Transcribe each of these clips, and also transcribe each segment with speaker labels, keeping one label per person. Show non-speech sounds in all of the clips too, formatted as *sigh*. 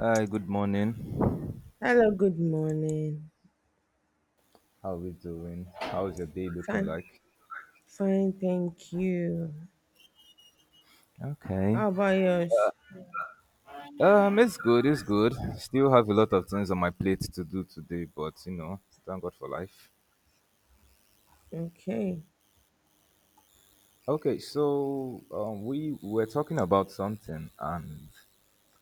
Speaker 1: Hi, good morning.
Speaker 2: Hello, good morning.
Speaker 1: How are we doing? How's your day looking
Speaker 2: Fine,
Speaker 1: like?
Speaker 2: fine, thank you.
Speaker 1: Okay.
Speaker 2: How about yours?
Speaker 1: It's good, it's good. Still have a lot of things on my plate to do today, but thank God for life.
Speaker 2: Okay.
Speaker 1: Okay, so we were talking about something, and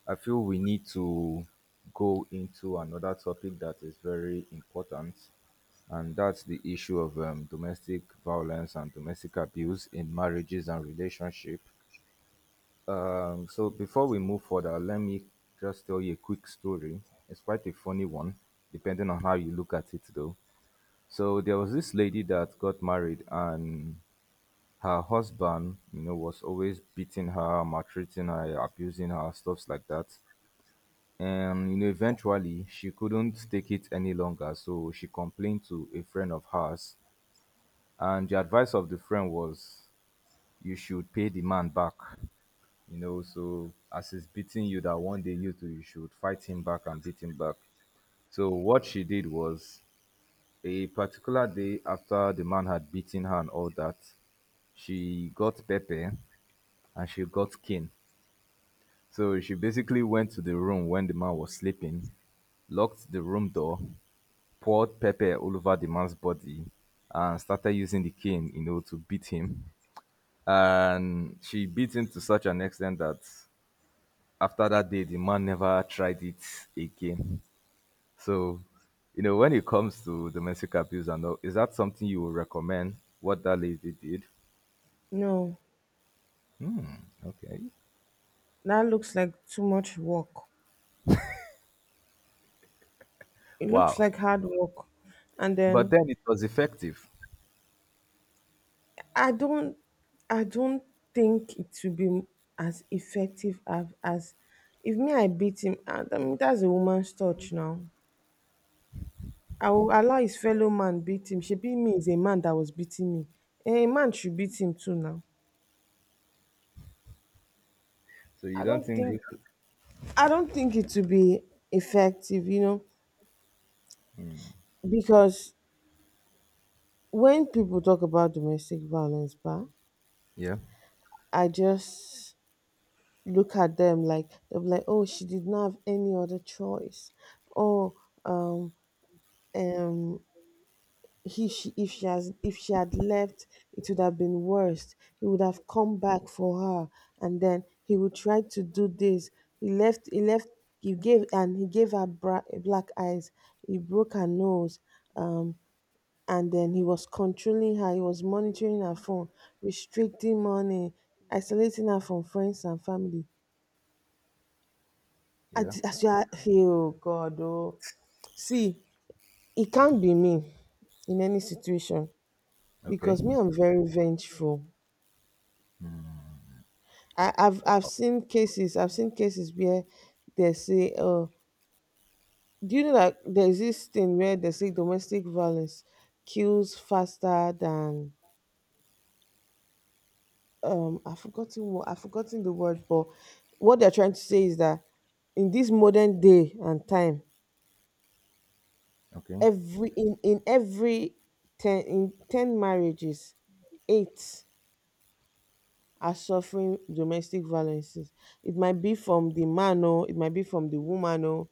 Speaker 1: I feel we need to go into another topic that is very important, and that's the issue of domestic violence and domestic abuse in marriages and relationship. So before we move further, let me just tell you a quick story. It's quite a funny one, depending on how you look at it, though. So there was this lady that got married, and her husband, was always beating her, maltreating her, abusing her, stuffs like that. And eventually she couldn't take it any longer, so she complained to a friend of hers. And the advice of the friend was, "You should pay the man back." So as he's beating you, that one day you too, you should fight him back and beat him back. So what she did was a particular day after the man had beaten her and all that, she got Pepe and she got Kin. So she basically went to the room when the man was sleeping, locked the room door, poured pepper all over the man's body and started using the cane, to beat him. And she beat him to such an extent that after that day, the man never tried it again. So, when it comes to domestic abuse and all, is that something you would recommend? What that lady did?
Speaker 2: No,
Speaker 1: Okay.
Speaker 2: that looks like too much work. It looks
Speaker 1: Wow.
Speaker 2: like hard work. And
Speaker 1: But
Speaker 2: then
Speaker 1: then it was effective.
Speaker 2: I don't I don't think it will be as effective as if me I beat him. I mean, that's a woman's touch now. I will allow his fellow man beat him. She beat me is a man that was beating me. A man should beat him too now.
Speaker 1: So you
Speaker 2: I
Speaker 1: don't
Speaker 2: don't
Speaker 1: think
Speaker 2: think
Speaker 1: this?
Speaker 2: I don't think it will be effective, because when people talk about domestic violence, but
Speaker 1: Yeah.
Speaker 2: I just look at them like they are like, "Oh, she did not have any other choice." Oh, um, um, if she had left, it would have been worse. He would have come back for her, and then he would try to do this. He left. He left. He gave her black eyes. He broke her nose. Um, and then he was controlling her, he was monitoring her phone, restricting money, isolating her from friends and family.
Speaker 1: Yeah.
Speaker 2: As you are, oh God. See, it can't be me in any situation
Speaker 1: Okay.
Speaker 2: because me, I'm very vengeful. I, I've I've
Speaker 1: Wa-
Speaker 2: seen cases, I've seen cases where they say, oh, do you know that there's this thing where they say domestic violence kills faster than I've forgotten the word, but what they're trying to say is that in this modern day and time,
Speaker 1: Okay.
Speaker 2: in every ten marriages, 8 are suffering domestic violences. It might be from the man or it might be from the woman or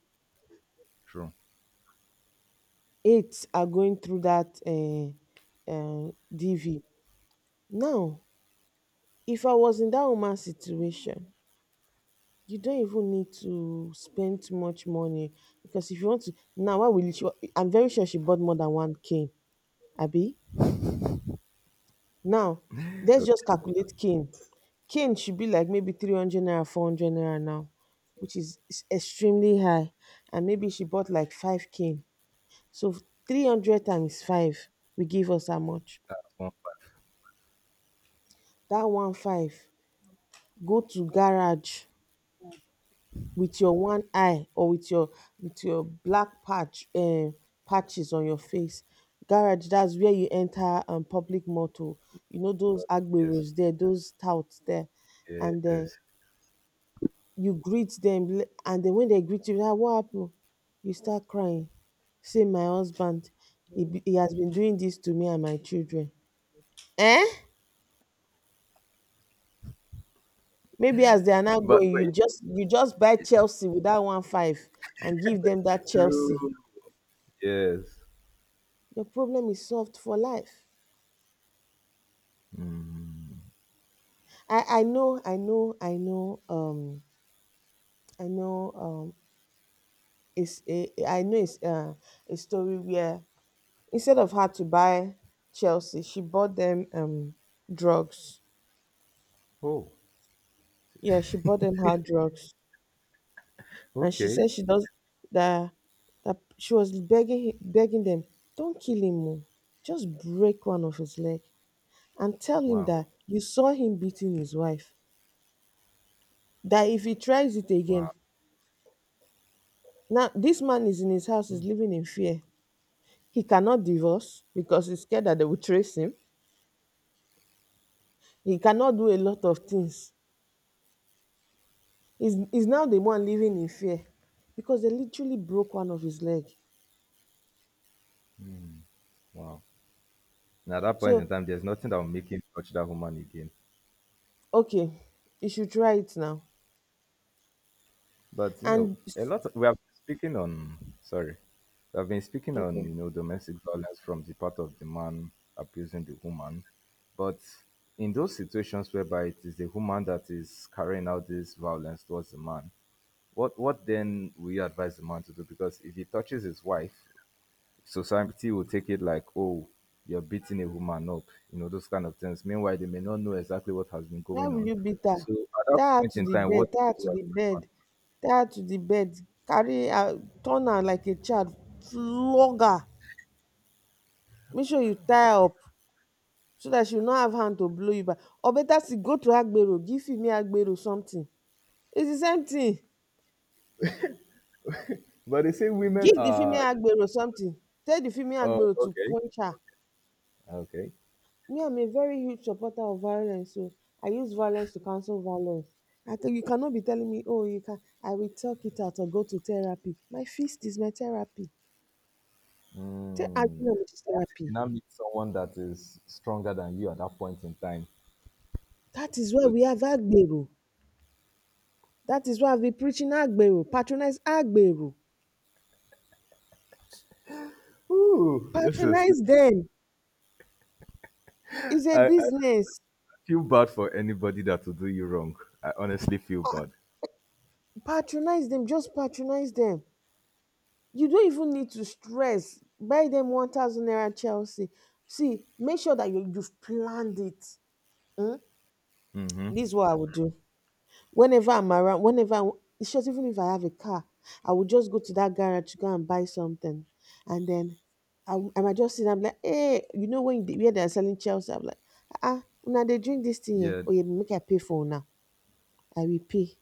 Speaker 1: True.
Speaker 2: 8 are going through that DV. Now, if I was in that woman's situation, you don't even need to spend too much money because if you want to now why will you? She I'm very sure she bought more than one cane, abi? Now let's
Speaker 1: Okay.
Speaker 2: just calculate cane. Cane should be like maybe 300 naira, 400 naira now, which is extremely high. And maybe she bought like five cane. So 300 times five will give us how much?
Speaker 1: One five.
Speaker 2: That one five go to garage with your one eye or with your black patches on your face. Garage, that's where you enter public motor. You know those
Speaker 1: Yes.
Speaker 2: agberos there, those touts there, and then
Speaker 1: Yes.
Speaker 2: you greet them, and then when they greet you like what happened, you start crying, say my husband he has been doing this to me and my children. Eh maybe as they are now
Speaker 1: But
Speaker 2: going, you
Speaker 1: wait.
Speaker 2: just buy chelsea with that one five and give them that
Speaker 1: True.
Speaker 2: chelsea.
Speaker 1: Yes.
Speaker 2: Your problem is solved for life.
Speaker 1: Mm.
Speaker 2: I know I know I know I know it's a story where instead of her to buy Chelsea, she bought them drugs.
Speaker 1: Oh.
Speaker 2: Yeah, she bought them hard drugs, and she
Speaker 1: Okay.
Speaker 2: said she does that. That she was begging them, don't kill him, oh. Just break one of his leg, and tell him
Speaker 1: Wow.
Speaker 2: that you saw him beating his wife. That if he tries it again,
Speaker 1: Wow.
Speaker 2: now, this man is in his house, is living in fear. He cannot divorce because he's scared that they will trace him. He cannot do a lot of things. He's now the one living in fear because they literally broke one of his leg.
Speaker 1: Wow. And at that point in
Speaker 2: So,
Speaker 1: time, there's nothing that will make him touch that woman again.
Speaker 2: okay, you should try it now.
Speaker 1: But
Speaker 2: And,
Speaker 1: a lot we have been speaking on. Sorry. We have been speaking on,
Speaker 2: okay,
Speaker 1: domestic violence from the part of the man abusing the woman. But in those situations whereby it is the woman that is carrying out this violence towards the man, what then will you advise the man to do? Because if he touches his wife, society will take it like, oh, you're beating a woman up, those kind of things. Meanwhile, they may not know exactly what has been
Speaker 2: why
Speaker 1: going
Speaker 2: will
Speaker 1: on.
Speaker 2: you beat her?
Speaker 1: So at that
Speaker 2: Tie her
Speaker 1: point
Speaker 2: to
Speaker 1: in
Speaker 2: the
Speaker 1: time,
Speaker 2: bed,
Speaker 1: what
Speaker 2: tie her to
Speaker 1: do I
Speaker 2: the bed,
Speaker 1: do?
Speaker 2: tie her to the bed, carry her, turn her like a child, flog her. Make sure you tie her up, so that she will not have hand to blow you back. Or better still, go to Agbero, give female Agbero something. It's the same thing.
Speaker 1: But they say women
Speaker 2: Give the
Speaker 1: are.
Speaker 2: female Agbero something. Tell the female
Speaker 1: Oh,
Speaker 2: Agbero to
Speaker 1: okay,
Speaker 2: punch her.
Speaker 1: okay.
Speaker 2: Me, I'm a very huge supporter of violence, so I use violence to cancel violence. I tell you cannot be telling me, oh, you can. I will talk it out or go to therapy. My fist is my therapy. Tell
Speaker 1: Mm.
Speaker 2: argument is
Speaker 1: What if you
Speaker 2: therapy.
Speaker 1: now meet someone that is stronger than you at that point in time?
Speaker 2: That is why we have Agbero. That is why I've been preaching Agbero. Patronize Agbero.
Speaker 1: Ooh, this is.
Speaker 2: Patronize them.
Speaker 1: I,
Speaker 2: It's a
Speaker 1: I
Speaker 2: business.
Speaker 1: feel bad for anybody that will do you wrong. I honestly feel bad.
Speaker 2: Patronize them. Just patronize them. You don't even need to stress. Buy them 1,000 naira Chelsea. See, make sure that you've planned it. Mm?
Speaker 1: Mm-hmm.
Speaker 2: This is what I would do. Whenever I'm around, it's just even if I have a car, I would just go to that garage to go and buy something. And then I might just sit down and be like, hey, you know when where they're selling Chelsea? I'm like, ah, now they drink this thing here.
Speaker 1: Yeah,
Speaker 2: Oh, yeah, make I pay for now. I will pay.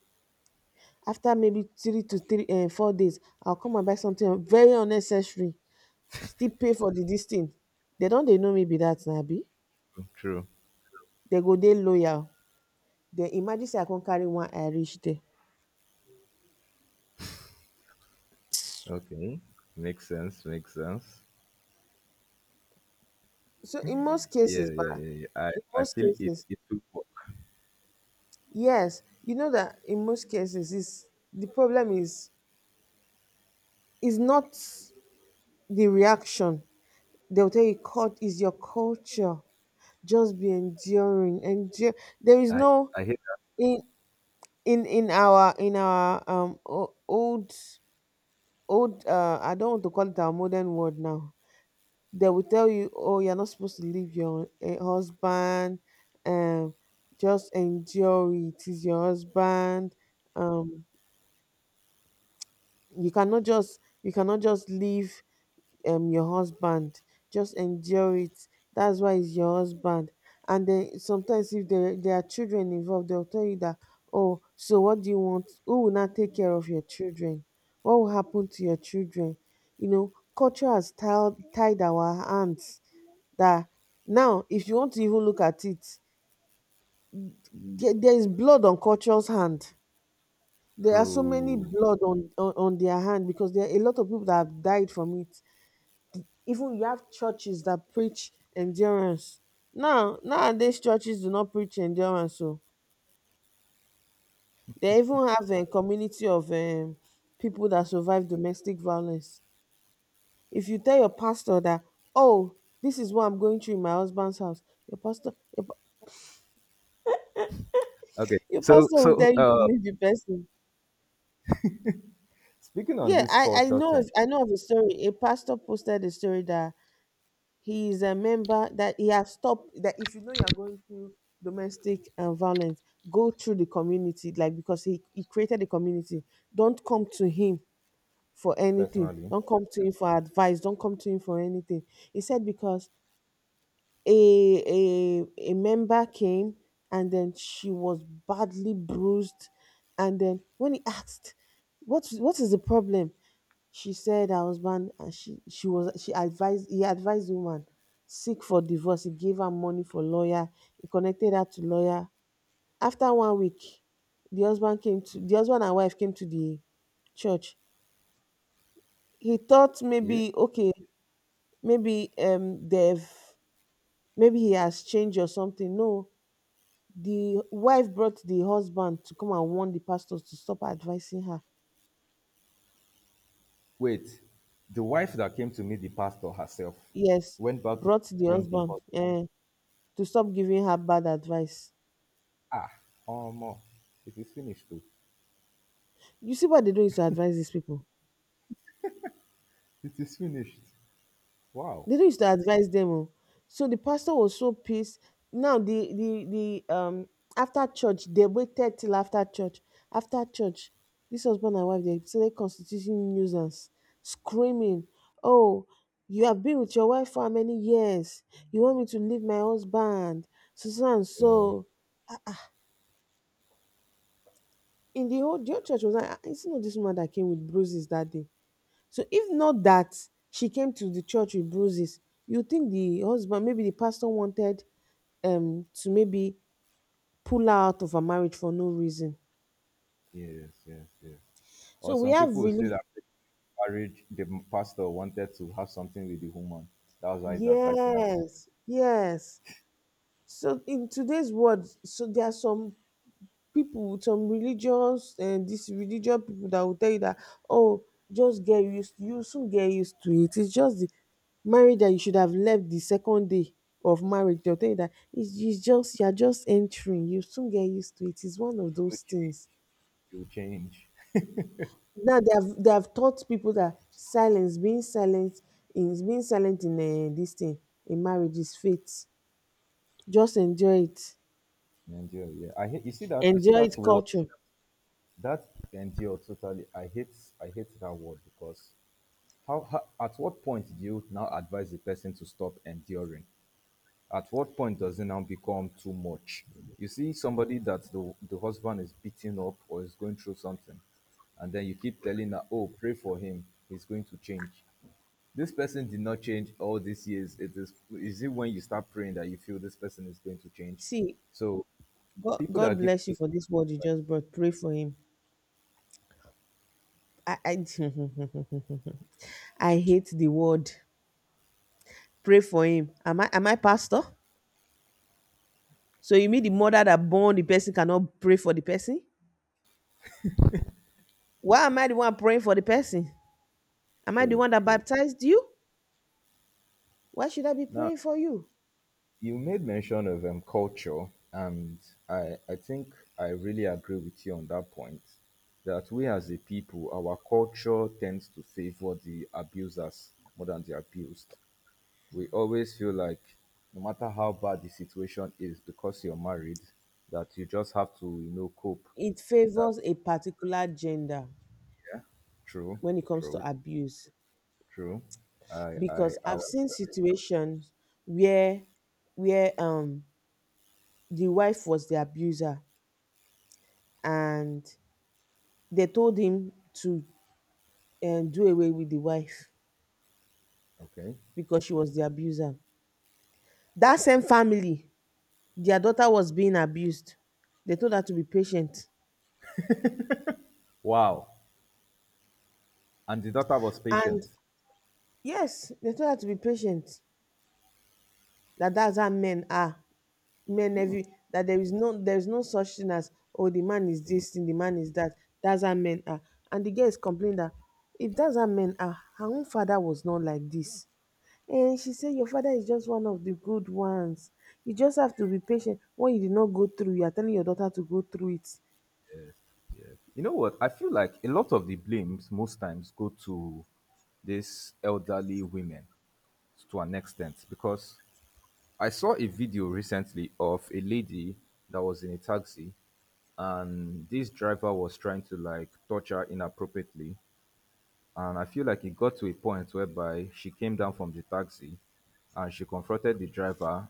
Speaker 2: After maybe three to three 4 days, I'll come and buy something very unnecessary, still pay for the this thing. They don't. They know me be that na. They
Speaker 1: true.
Speaker 2: go. They loyal. They imagine say I can carry one eye reach there.
Speaker 1: Okay, makes sense. Makes sense.
Speaker 2: So in most cases,
Speaker 1: Yeah,
Speaker 2: ba,
Speaker 1: yeah, yeah, yeah. I
Speaker 2: in
Speaker 1: I
Speaker 2: most
Speaker 1: feel it.
Speaker 2: cases
Speaker 1: It will work.
Speaker 2: yes, you know that in most cases is the problem is not the reaction. They will tell you cult is your culture. Just be enduring endure. There is
Speaker 1: I
Speaker 2: no.
Speaker 1: I hate
Speaker 2: In in in our in our um old, I don't want to call it our modern world, now they will tell you, oh, you're not supposed to leave your husband. Um just endure. It is your husband. Um you cannot just you cannot just leave your husband. Just endure it. That's why, it's your husband. And then sometimes, if there are children involved, they'll tell you that, oh, so what do you want? Who will now take care of your children? What will happen to your children? You know, culture has tied our hands. That now, if you want to even look at it, there is blood on culture's hand.
Speaker 1: that.
Speaker 2: There are so many
Speaker 1: True.
Speaker 2: blood on their hand because there are a lot of people that have died from it. Even you have churches that preach endurance. Now, nowadays churches do not preach endurance. So they even have a community of people that survive domestic violence. If you tell your pastor that, oh, this is what I'm going through in my husband's house, your pastor, your, pa-
Speaker 1: Okay.
Speaker 2: your
Speaker 1: So
Speaker 2: pastor will
Speaker 1: so
Speaker 2: tell you to
Speaker 1: uh
Speaker 2: leave the person.
Speaker 1: speaking on
Speaker 2: Yeah,
Speaker 1: this
Speaker 2: I, I
Speaker 1: culture
Speaker 2: know
Speaker 1: thing,
Speaker 2: of, I know of a story. A pastor posted a story that he is a member that he has stopped that if you know you're going through domestic violence, go through the community, like, because he created the community. Don't come to him for anything.
Speaker 1: personally,
Speaker 2: Don't come to him for advice. Don't come to him for anything. He said because a a member came, and then she was badly bruised, and then when he asked what is the problem, she said her husband, and she was she advised he advised the woman seek for divorce. He gave her money for lawyer. He connected her to lawyer. After one week, the husband came to the husband and wife came to the church. He thought
Speaker 1: yeah.
Speaker 2: maybe okay, maybe um they've maybe he has changed or something. No, the wife brought the husband to come and warn the pastors to stop advising her.
Speaker 1: Wait, the wife that came to meet the pastor herself
Speaker 2: Yes,
Speaker 1: went back to
Speaker 2: brought the
Speaker 1: bring the
Speaker 2: husband
Speaker 1: husband.
Speaker 2: to stop giving her bad advice.
Speaker 1: Ah, oh more. It is finished too.
Speaker 2: You see what they do is to advise these people.
Speaker 1: It is finished. Wow.
Speaker 2: They do not used to advise them. Oh. So the pastor was so pissed. Now, the after church they waited till after church. After church, this husband and wife, they started constituting nuisance, screaming, "Oh, you have been with your wife for how many years? You want me to leave my husband?" So so and
Speaker 1: Yeah.
Speaker 2: so. In the whole church was like, "Ah, it's not this woman that came with bruises that day. So if not that she came to the church with bruises, you think the husband, maybe the pastor wanted to maybe pull her out of her marriage for no reason."
Speaker 1: Yes, yes, yes. Or
Speaker 2: So we
Speaker 1: some
Speaker 2: have
Speaker 1: people will say
Speaker 2: really.
Speaker 1: that the pastor wanted to have something with the woman. That was why he's advising her to
Speaker 2: Yes, yes. So in today's world, so there are some people with some religious and this religious people that will tell you that, oh, just get used you soon get used to it. It's just the marriage that you should have left the second day of marriage. They'll tell you that it's just you're just entering, you soon get used to it. It's one of
Speaker 1: you
Speaker 2: those
Speaker 1: change.
Speaker 2: things.
Speaker 1: You change.
Speaker 2: Now they have taught people that silence being silent is being silent in this thing in marriage is faith. Just enjoy it,
Speaker 1: Endure. Yeah. I hate. You see that. You see that word.
Speaker 2: culture.
Speaker 1: That endure totally. I hate. I hate that word because how at what point do you now advise the person to stop enduring? At what point does it now become too much? You see somebody that the husband is beating up or is going through something, and then you keep telling her, "Oh, pray for him; he's going to change." This person did not change all these years. It is it when you start praying that you feel this person is going to change?
Speaker 2: See,
Speaker 1: So
Speaker 2: God,
Speaker 1: people
Speaker 2: God
Speaker 1: that give
Speaker 2: bless you
Speaker 1: this
Speaker 2: for this word you just brought. Pray for him. I, I, *laughs* I hate the word. Pray for him. Am I pastor? So you mean the mother that born the person cannot pray for the person? Why am I the one praying for the person? Am I the
Speaker 1: true,
Speaker 2: one that
Speaker 1: true.
Speaker 2: baptized you? Why should I be
Speaker 1: Now
Speaker 2: praying for you?
Speaker 1: you made mention of culture, and I think I really agree with you on that point that we as a people, our culture tends to favor the abusers more than the abused. We always feel like no matter how bad the situation is, because you're married, that you just have to, cope.
Speaker 2: It
Speaker 1: That
Speaker 2: favors a particular gender
Speaker 1: yeah, true,
Speaker 2: when it comes
Speaker 1: true,
Speaker 2: to abuse
Speaker 1: true.
Speaker 2: because
Speaker 1: I
Speaker 2: I've seen situations where where the wife was the abuser, and they told him to do away with the wife
Speaker 1: okay.
Speaker 2: because she was the abuser. That same family, their daughter was being abused. They told her to be patient.
Speaker 1: Wow, and the daughter was patient.
Speaker 2: And yes, they told her to be patient. That's how men are. Men every That there is no such thing as, oh, the man is this thing, the man is that. That's how men are. And the girl is complaining that if that's how men are, her own father was not like this. And she said, your father is just one of the good ones. You just have to be patient. What you did not go through, you are telling your daughter to go through it.
Speaker 1: You know what? I feel like a lot of the blames most times go to these elderly women to an extent because I saw a video recently of a lady that was in a taxi and this driver was trying to like touch her inappropriately and I feel like it got to a point whereby she came down from the taxi and she confronted the driver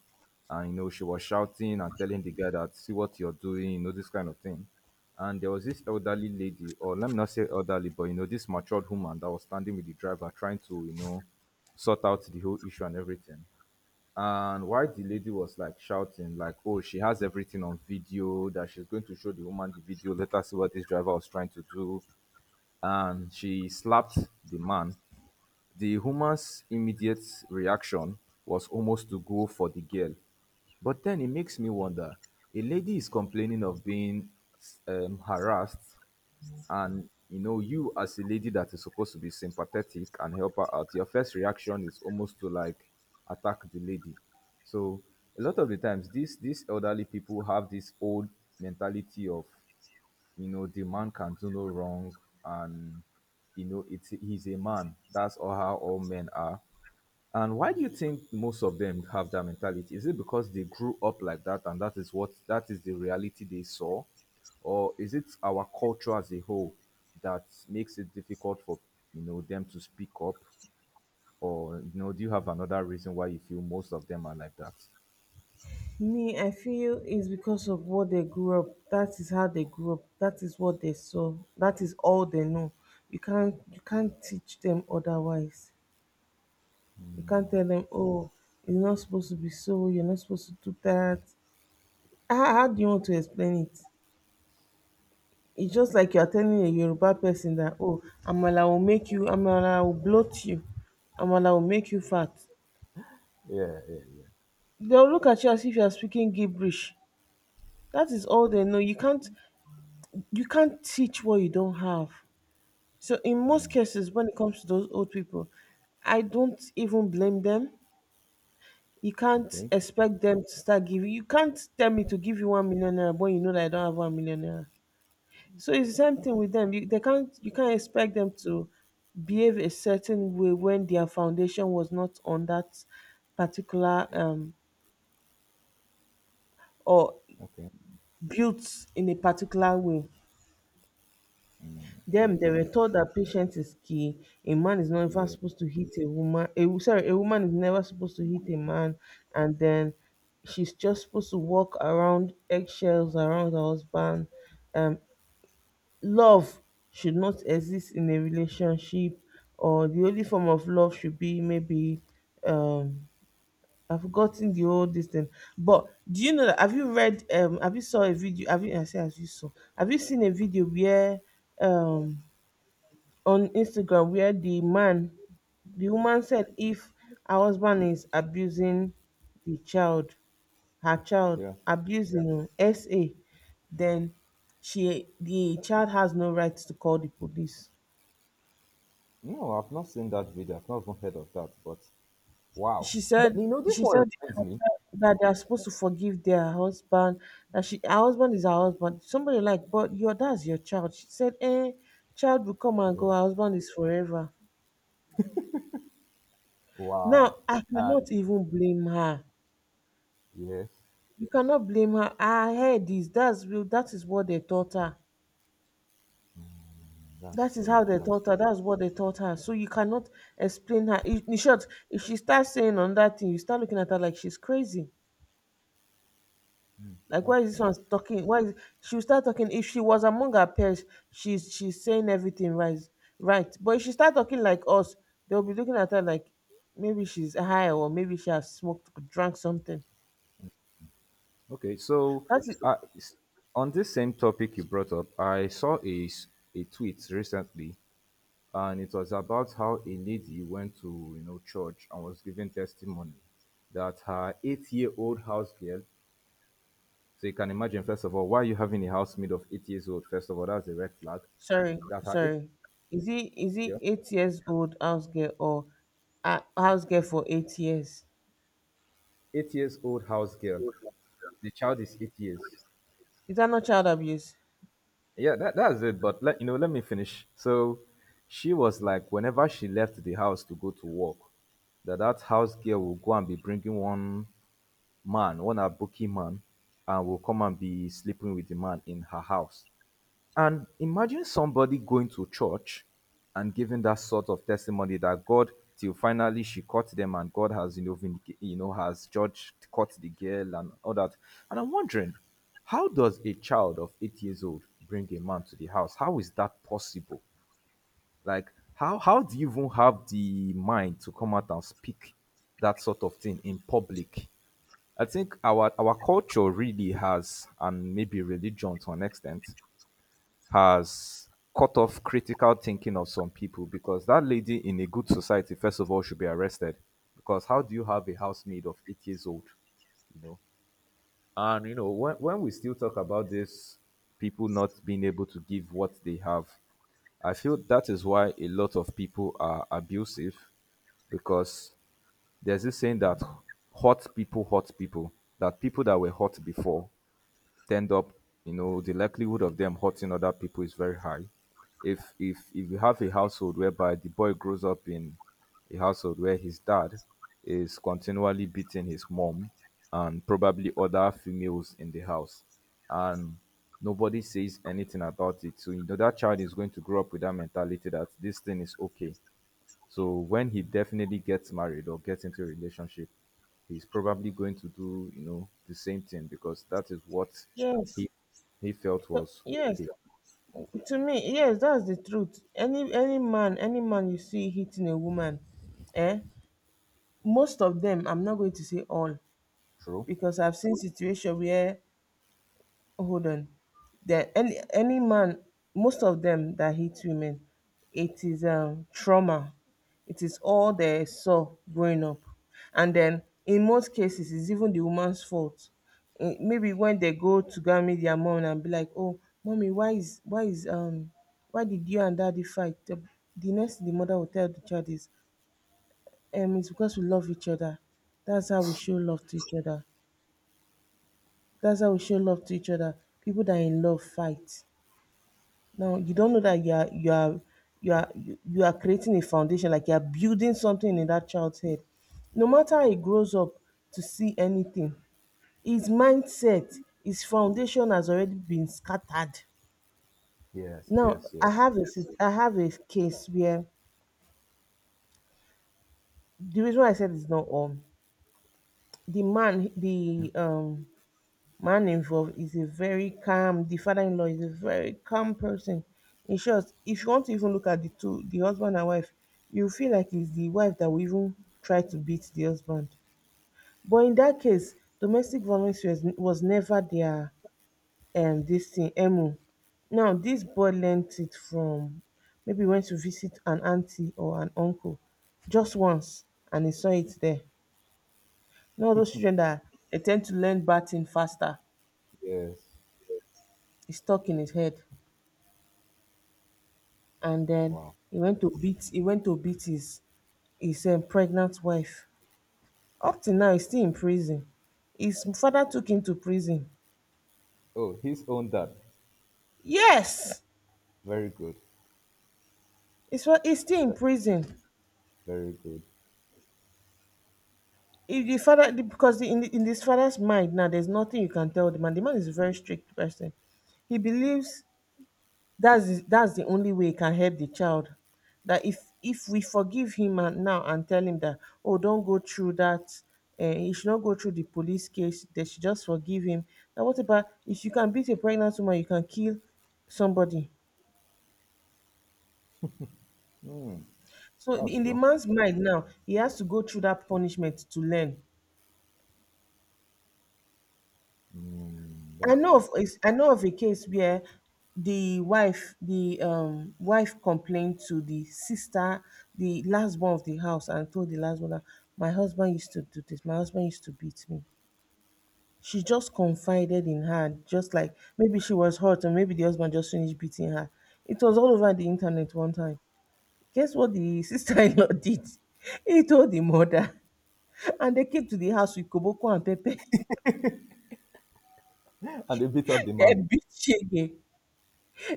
Speaker 1: and she was shouting and telling the guy that see what you're doing, this kind of thing. And there was this elderly lady, or let me not say elderly, but this matured woman that was standing with the driver trying to, sort out the whole issue and everything. And while the lady was like shouting, like, oh, she has everything on video, that she's going to show the woman the video, let her see what this driver was trying to do. And she slapped the man. The woman's immediate reaction was almost to go for the girl. But then it makes me wonder, a lady is complaining of being harassed and you as a lady that is supposed to be sympathetic and help her out, your first reaction is almost to like attack the lady. So a lot of the times these elderly people have this old mentality of the man can do no wrong and it's he's a man. That's all. How all men are. And why do you think most of them have that mentality? Is it because they grew up like that and that is the reality they saw, or is it our culture as a whole that makes it difficult for them to speak up, or do you have another reason why you feel most of them are like that?
Speaker 2: Me, I feel it's because of what they grew up. That is how they grew up. That is what they saw. That is all they know. You can't teach them otherwise. You can't tell them, oh, you're not supposed to be so, you're not supposed to do that. How do you want to explain it? It's just like you're telling a Yoruba person that, oh, Amala will bloat you, Amala will make you fat.
Speaker 1: Yeah, yeah,
Speaker 2: They'll look at you as if you're speaking gibberish. That is all they know. You can't teach what you don't have. So in most cases, when it comes to those old people, I don't even blame them. You
Speaker 1: yeah.
Speaker 2: can't
Speaker 1: Okay,
Speaker 2: expect them to start giving. You can't tell me to give you 1 million naira when you know that I don't have 1 million naira. So it's the same thing with them. They can't expect them to behave a certain way when their foundation was not on that particular, or
Speaker 1: okay.
Speaker 2: built in a particular way.
Speaker 1: True,
Speaker 2: Them they
Speaker 1: true,
Speaker 2: were
Speaker 1: true.
Speaker 2: taught that patience is key. A man is never
Speaker 1: Yeah,
Speaker 2: supposed to hit a woman. A woman is never supposed to hit a man, and then she's just supposed to walk around eggshells around her husband. Um, Love should not exist in a relationship, or the only form of love should be maybe, um I've forgotten the whole this thing. But do you know that have you seen a video where, um on Instagram, where the woman said if her husband is abusing the child, her child,
Speaker 1: yeah.
Speaker 2: abusing SA, then she the child has no right to call the police.
Speaker 1: No, I've not seen that video. I've not even heard of that. But wow,
Speaker 2: she said
Speaker 1: This
Speaker 2: she
Speaker 1: one
Speaker 2: said in
Speaker 1: reminds me.
Speaker 2: that they are supposed to forgive their husband, that she her husband is her husband, somebody, like, but your, that's your child. She said, eh, child will come and go,
Speaker 1: Yeah.
Speaker 2: her husband is forever. Now
Speaker 1: Wow.
Speaker 2: I
Speaker 1: Uh,
Speaker 2: cannot even blame her.
Speaker 1: yes,
Speaker 2: You cannot blame her. Her head is, that's real, that is what they taught her.
Speaker 1: that's
Speaker 2: That is
Speaker 1: true.
Speaker 2: how they
Speaker 1: That's
Speaker 2: taught her, that's what they taught her. So you cannot explain her in short. If she starts saying on that thing, you start looking at her like she's crazy. Like, why
Speaker 1: that's
Speaker 2: is this
Speaker 1: true.
Speaker 2: one talking? Why is She'll start talking? If she was among her peers, she's saying everything right, right. But if she start talking like us, they'll be looking at her like maybe she's high or maybe she has smoked, drank something.
Speaker 1: Okay, so
Speaker 2: That is
Speaker 1: uh, s- on this same topic you brought up, I saw a tweet recently, and it was about how a lady went to church and was giving testimony that her eight-year-old house girl. So you can imagine, first of all, why are you having a house made of 8 years old? First of all, that's a red flag
Speaker 2: Sorry,
Speaker 1: that her
Speaker 2: sorry. Is he
Speaker 1: yeah.
Speaker 2: 8 years old house girl, or house girl for 8 years?
Speaker 1: 8 years old house girl. The child is 8 years.
Speaker 2: Is that not child abuse?
Speaker 1: Yeah, that's it. But let me finish. So she was like, whenever she left the house to go to work, that house girl will go and be bringing one man, one Abuki man, and will come and be sleeping with the man in her house. And imagine somebody going to church and giving that sort of testimony that God, till finally she caught them and God has, has judged, caught the girl and all that. And I'm wondering, how does a child of 8 years old bring a man to the house? How is that possible? Like, how do you even have the mind to come out and speak that sort of thing in public? I think our culture really has, and maybe religion to an extent, has cut off critical thinking of some people because that lady in a good society, first of all, should be arrested. Because how do you have a housemaid of 8 years old? You know, and when we still talk about this, people not being able to give what they have, I feel that is why a lot of people are abusive because there's this saying that hot people hurt people that were hot before tend up, the likelihood of them hurting other people is very high. If you have a household whereby the boy grows up in a household where his dad is continually beating his mom and probably other females in the house, and nobody says anything about it, so you know that child is going to grow up with that mentality that this thing is okay. So when he definitely gets married or gets into a relationship, he's probably going to do, the same thing because that is what
Speaker 2: Yes.
Speaker 1: he he felt was
Speaker 2: Yes,
Speaker 1: okay.
Speaker 2: to me, yes, that's the truth. Any man you see hitting a woman, eh? Most of them, I'm not going to say all,
Speaker 1: True?
Speaker 2: because I've seen situation where, hold on, that any man, most of them that hit women, it is trauma, it is all they saw growing up. And then in most cases it's even the woman's fault. Eh, maybe when they go to go and meet their mom and be like, oh, mommy, why did you and daddy fight? The next thing the mother will tell the child is, it's because we love each other. That's how we show love to each other. That's how we show love to each other. People that are in love fight. Now you don't know that you are you are you are you you are creating a foundation, like you are building something in that child's head. No matter how he grows up to see anything, his mindset, his foundation has already been scattered.
Speaker 1: Yes,
Speaker 2: Now
Speaker 1: yes,
Speaker 2: I
Speaker 1: yes,
Speaker 2: have I have a case where, the reason why I said it's not all, the man involved is a very calm, the father-in-law is a very calm person. In short, if you want to even look at the two, the husband and wife, you feel like it's the wife that will even try to beat the husband. But in that case, domestic violence was never their, this thing, emu. Now this boy learnt it from, maybe went to visit an auntie or an uncle just once, and he saw it there. You know those children that they tend to learn bad thing faster.
Speaker 1: yes.
Speaker 2: It's stuck in his head, and then
Speaker 1: Wow.
Speaker 2: he went to beat his pregnant wife. Up till now, he's still in prison. His father took him to prison.
Speaker 1: Oh, his own dad.
Speaker 2: Yes,
Speaker 1: Very good.
Speaker 2: he's still in
Speaker 1: Ve-
Speaker 2: prison.
Speaker 1: Very good.
Speaker 2: If the father the- Because in his father's mind now, there's nothing you can tell the man. The man is a very strict person. He believes that's the only way it can help the child, that if we forgive him and now and tell him that, oh, don't go through that, he should not go through the police case, they should just forgive him. Now what about, if you can beat a pregnant woman, you can kill somebody.
Speaker 1: Mm,
Speaker 2: So
Speaker 1: that's
Speaker 2: in the
Speaker 1: true.
Speaker 2: man's mind now, he has to go through that punishment to learn.
Speaker 1: Mm, that's true.
Speaker 2: I know of a case where the wife, the wife complained to the sister, the last born of the house, and told the last one that my husband used to do this, my husband used to beat me. She just confided in her, just like maybe she was hurt and maybe the husband just finished beating her. It was all over the internet one time. Guess what the *laughs* sister-in-law did? He told the mother, and they came to the house with koboko and pepper. *laughs*
Speaker 1: And they beat up the
Speaker 2: They
Speaker 1: man.
Speaker 2: beat Shege.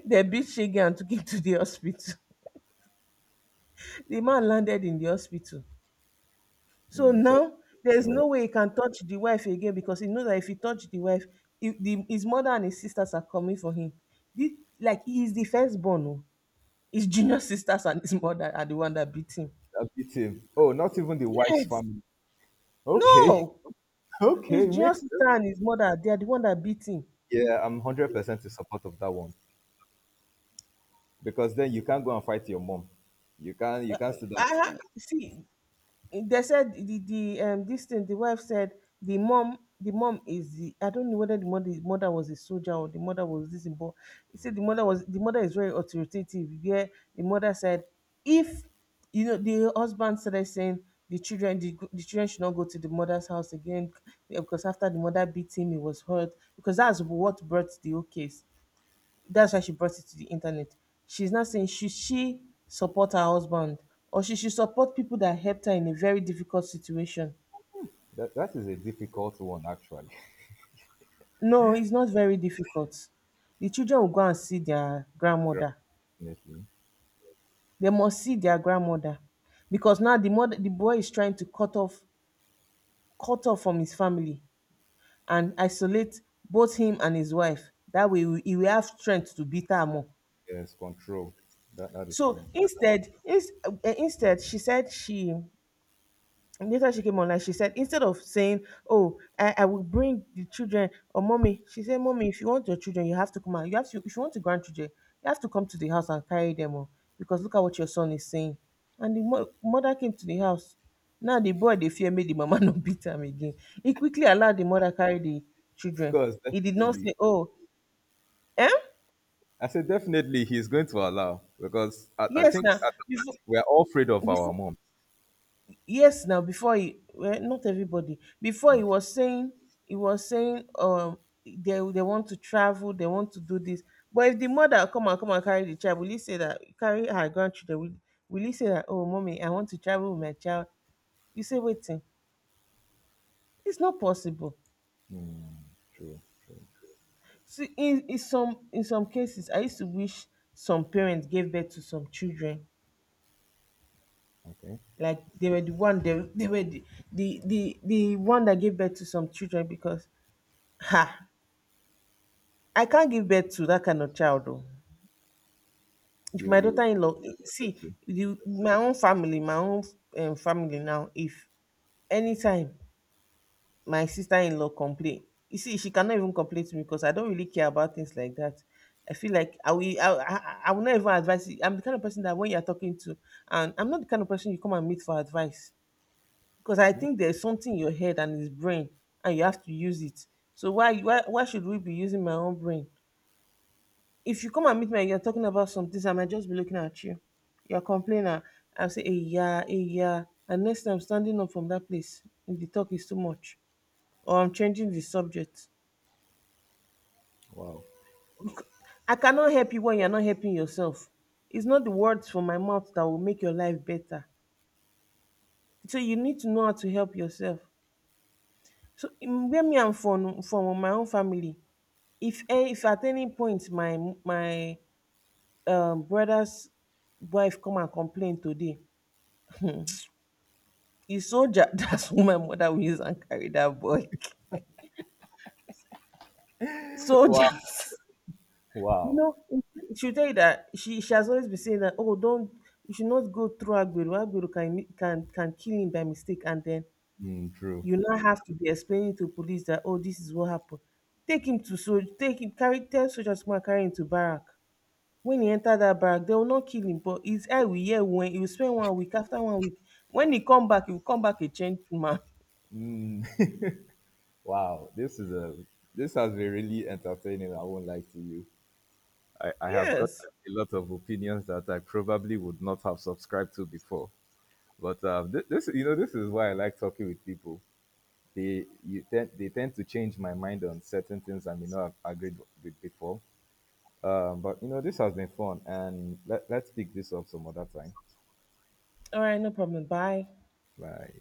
Speaker 2: They beat Shege and took him to the hospital. *laughs* The man landed in the hospital. So
Speaker 1: Mm, said
Speaker 2: now there's
Speaker 1: him
Speaker 2: no
Speaker 1: right.
Speaker 2: way he can touch the wife again, because he knows that if he touch the wife, his mother and his sisters are coming for him. Like, he is the firstborn. Oh. His junior *laughs* sisters and his mother are the one that beat him.
Speaker 1: They beat him. Oh, not even the wife's
Speaker 2: Yes.
Speaker 1: family. Okay,
Speaker 2: No.
Speaker 1: *laughs*
Speaker 2: His
Speaker 1: okay,
Speaker 2: junior
Speaker 1: makes sense.
Speaker 2: sister and his mother, they are the one that beat him.
Speaker 1: Yeah, I'm 100% in support of that one. Because then you can't go and fight your mom. You can't.
Speaker 2: I,
Speaker 1: You can't still don't.
Speaker 2: See, they said the, the this thing, the wife said, the mom is the I don't know whether the mother was a soldier or the mother was this, but he said the mother is very authoritative. Yeah, the mother said, if, you know, the husband started saying the children, the children should not go to the mother's house again. Yeah, because after the mother beat him, he was hurt, because that's what brought the whole case, that's why she brought it to the internet. She's not saying, should she support her husband, or she should support people that helped her in a very difficult situation.
Speaker 1: That is a difficult one actually.
Speaker 2: No, it's not very difficult. The children will go and see their grandmother.
Speaker 1: *laughs* Definitely,
Speaker 2: They must see their grandmother, because now the boy is trying to cut off, from his family and isolate both him and his wife. That way, he will have strength to beat her more.
Speaker 1: yes, control. That is
Speaker 2: So
Speaker 1: true.
Speaker 2: instead, instead, she said she and later she came on, like she said, instead of saying, oh, I will bring the children, or mommy, she said, mommy, if you want your children, you have to come out. You have to If you want your grandchildren, you have to come to the house and carry them on. Because look at what your son is saying. And the mother came to the house. Now the boy, they fear made the mama *laughs* not beat him again. He quickly allowed the mother carry the
Speaker 1: Of
Speaker 2: children.
Speaker 1: course,
Speaker 2: He did not
Speaker 1: definitely.
Speaker 2: say, oh, eh?
Speaker 1: I said definitely he's going to allow because I
Speaker 2: Yes
Speaker 1: think
Speaker 2: now.
Speaker 1: we are all afraid of our
Speaker 2: Before,
Speaker 1: mom.
Speaker 2: yes now, before, he, well, not everybody, before he was saying, they want to travel, they want to do this, but if the mother come and carry the child, will he say that, carry her grandchildren, will he say that, oh, mommy, I want to travel with my child? You say, waiting? It's not possible.
Speaker 1: Hmm, true, true.
Speaker 2: See, in some cases, I used to wish some parents gave birth to some children,
Speaker 1: Okay,
Speaker 2: like they were the one, they were the one that gave birth to some children, because, ha, I can't give birth to that kind of child though. If
Speaker 1: you
Speaker 2: my
Speaker 1: you.
Speaker 2: daughter-in-law,
Speaker 1: Let's
Speaker 2: see,
Speaker 1: see.
Speaker 2: my own family, my own family now, if anytime my sister-in-law complain, you see, she cannot even complain to me, because I don't really care about things like that. I feel like I will not even advise you. I'm the kind of person that when you're talking to, and I'm not the kind of person you come and meet for advice, because I
Speaker 1: Hmm,
Speaker 2: think there's something in your head and it's brain, and you have to use it. So why should we be using my own brain? If you come and meet me and you're talking about some things, I might just be looking at you. You're a complainer. I'll say, hey, yeah, hey, yeah. And next time, I'm standing up from that place, if the talk is too much, or I'm changing the subject.
Speaker 1: wow,
Speaker 2: I cannot help you when you're not helping yourself. It's not the words from my mouth that will make your life better. So you need to know how to help yourself. So in where me I'm from my own family, if if at any point my brother's wife come and complain today, the soldier, *laughs* that's who my mother will *laughs* use and carry that boy.
Speaker 1: *laughs* wow,
Speaker 2: Soldiers. *laughs* You
Speaker 1: wow.
Speaker 2: know, she'll tell you that she has always been saying that, oh, don't, you should not go through Agbero. Agbero can kill him by mistake. And then
Speaker 1: Hmm, true.
Speaker 2: you now have to be explaining to police that, oh, this is what happened. Take him to soldier, take him, carry, tell soldiers to come and carry him to barrack. When he enter that barrack, they will not kill him, but his eye will hear when he will spend 1 week. After 1 week, when he come back, he will come back a changed man.
Speaker 1: Wow, this is a this has been really entertaining. I won't lie to you. I,
Speaker 2: *laughs*
Speaker 1: I have got
Speaker 2: Yes.
Speaker 1: a lot of opinions that I probably would not have subscribed to before. But this is why I like talking with people. They tend to change my mind on certain things I may not have agreed with before. But this has been fun, and let's pick this up some other time.
Speaker 2: All right, no problem. Bye.
Speaker 1: Bye.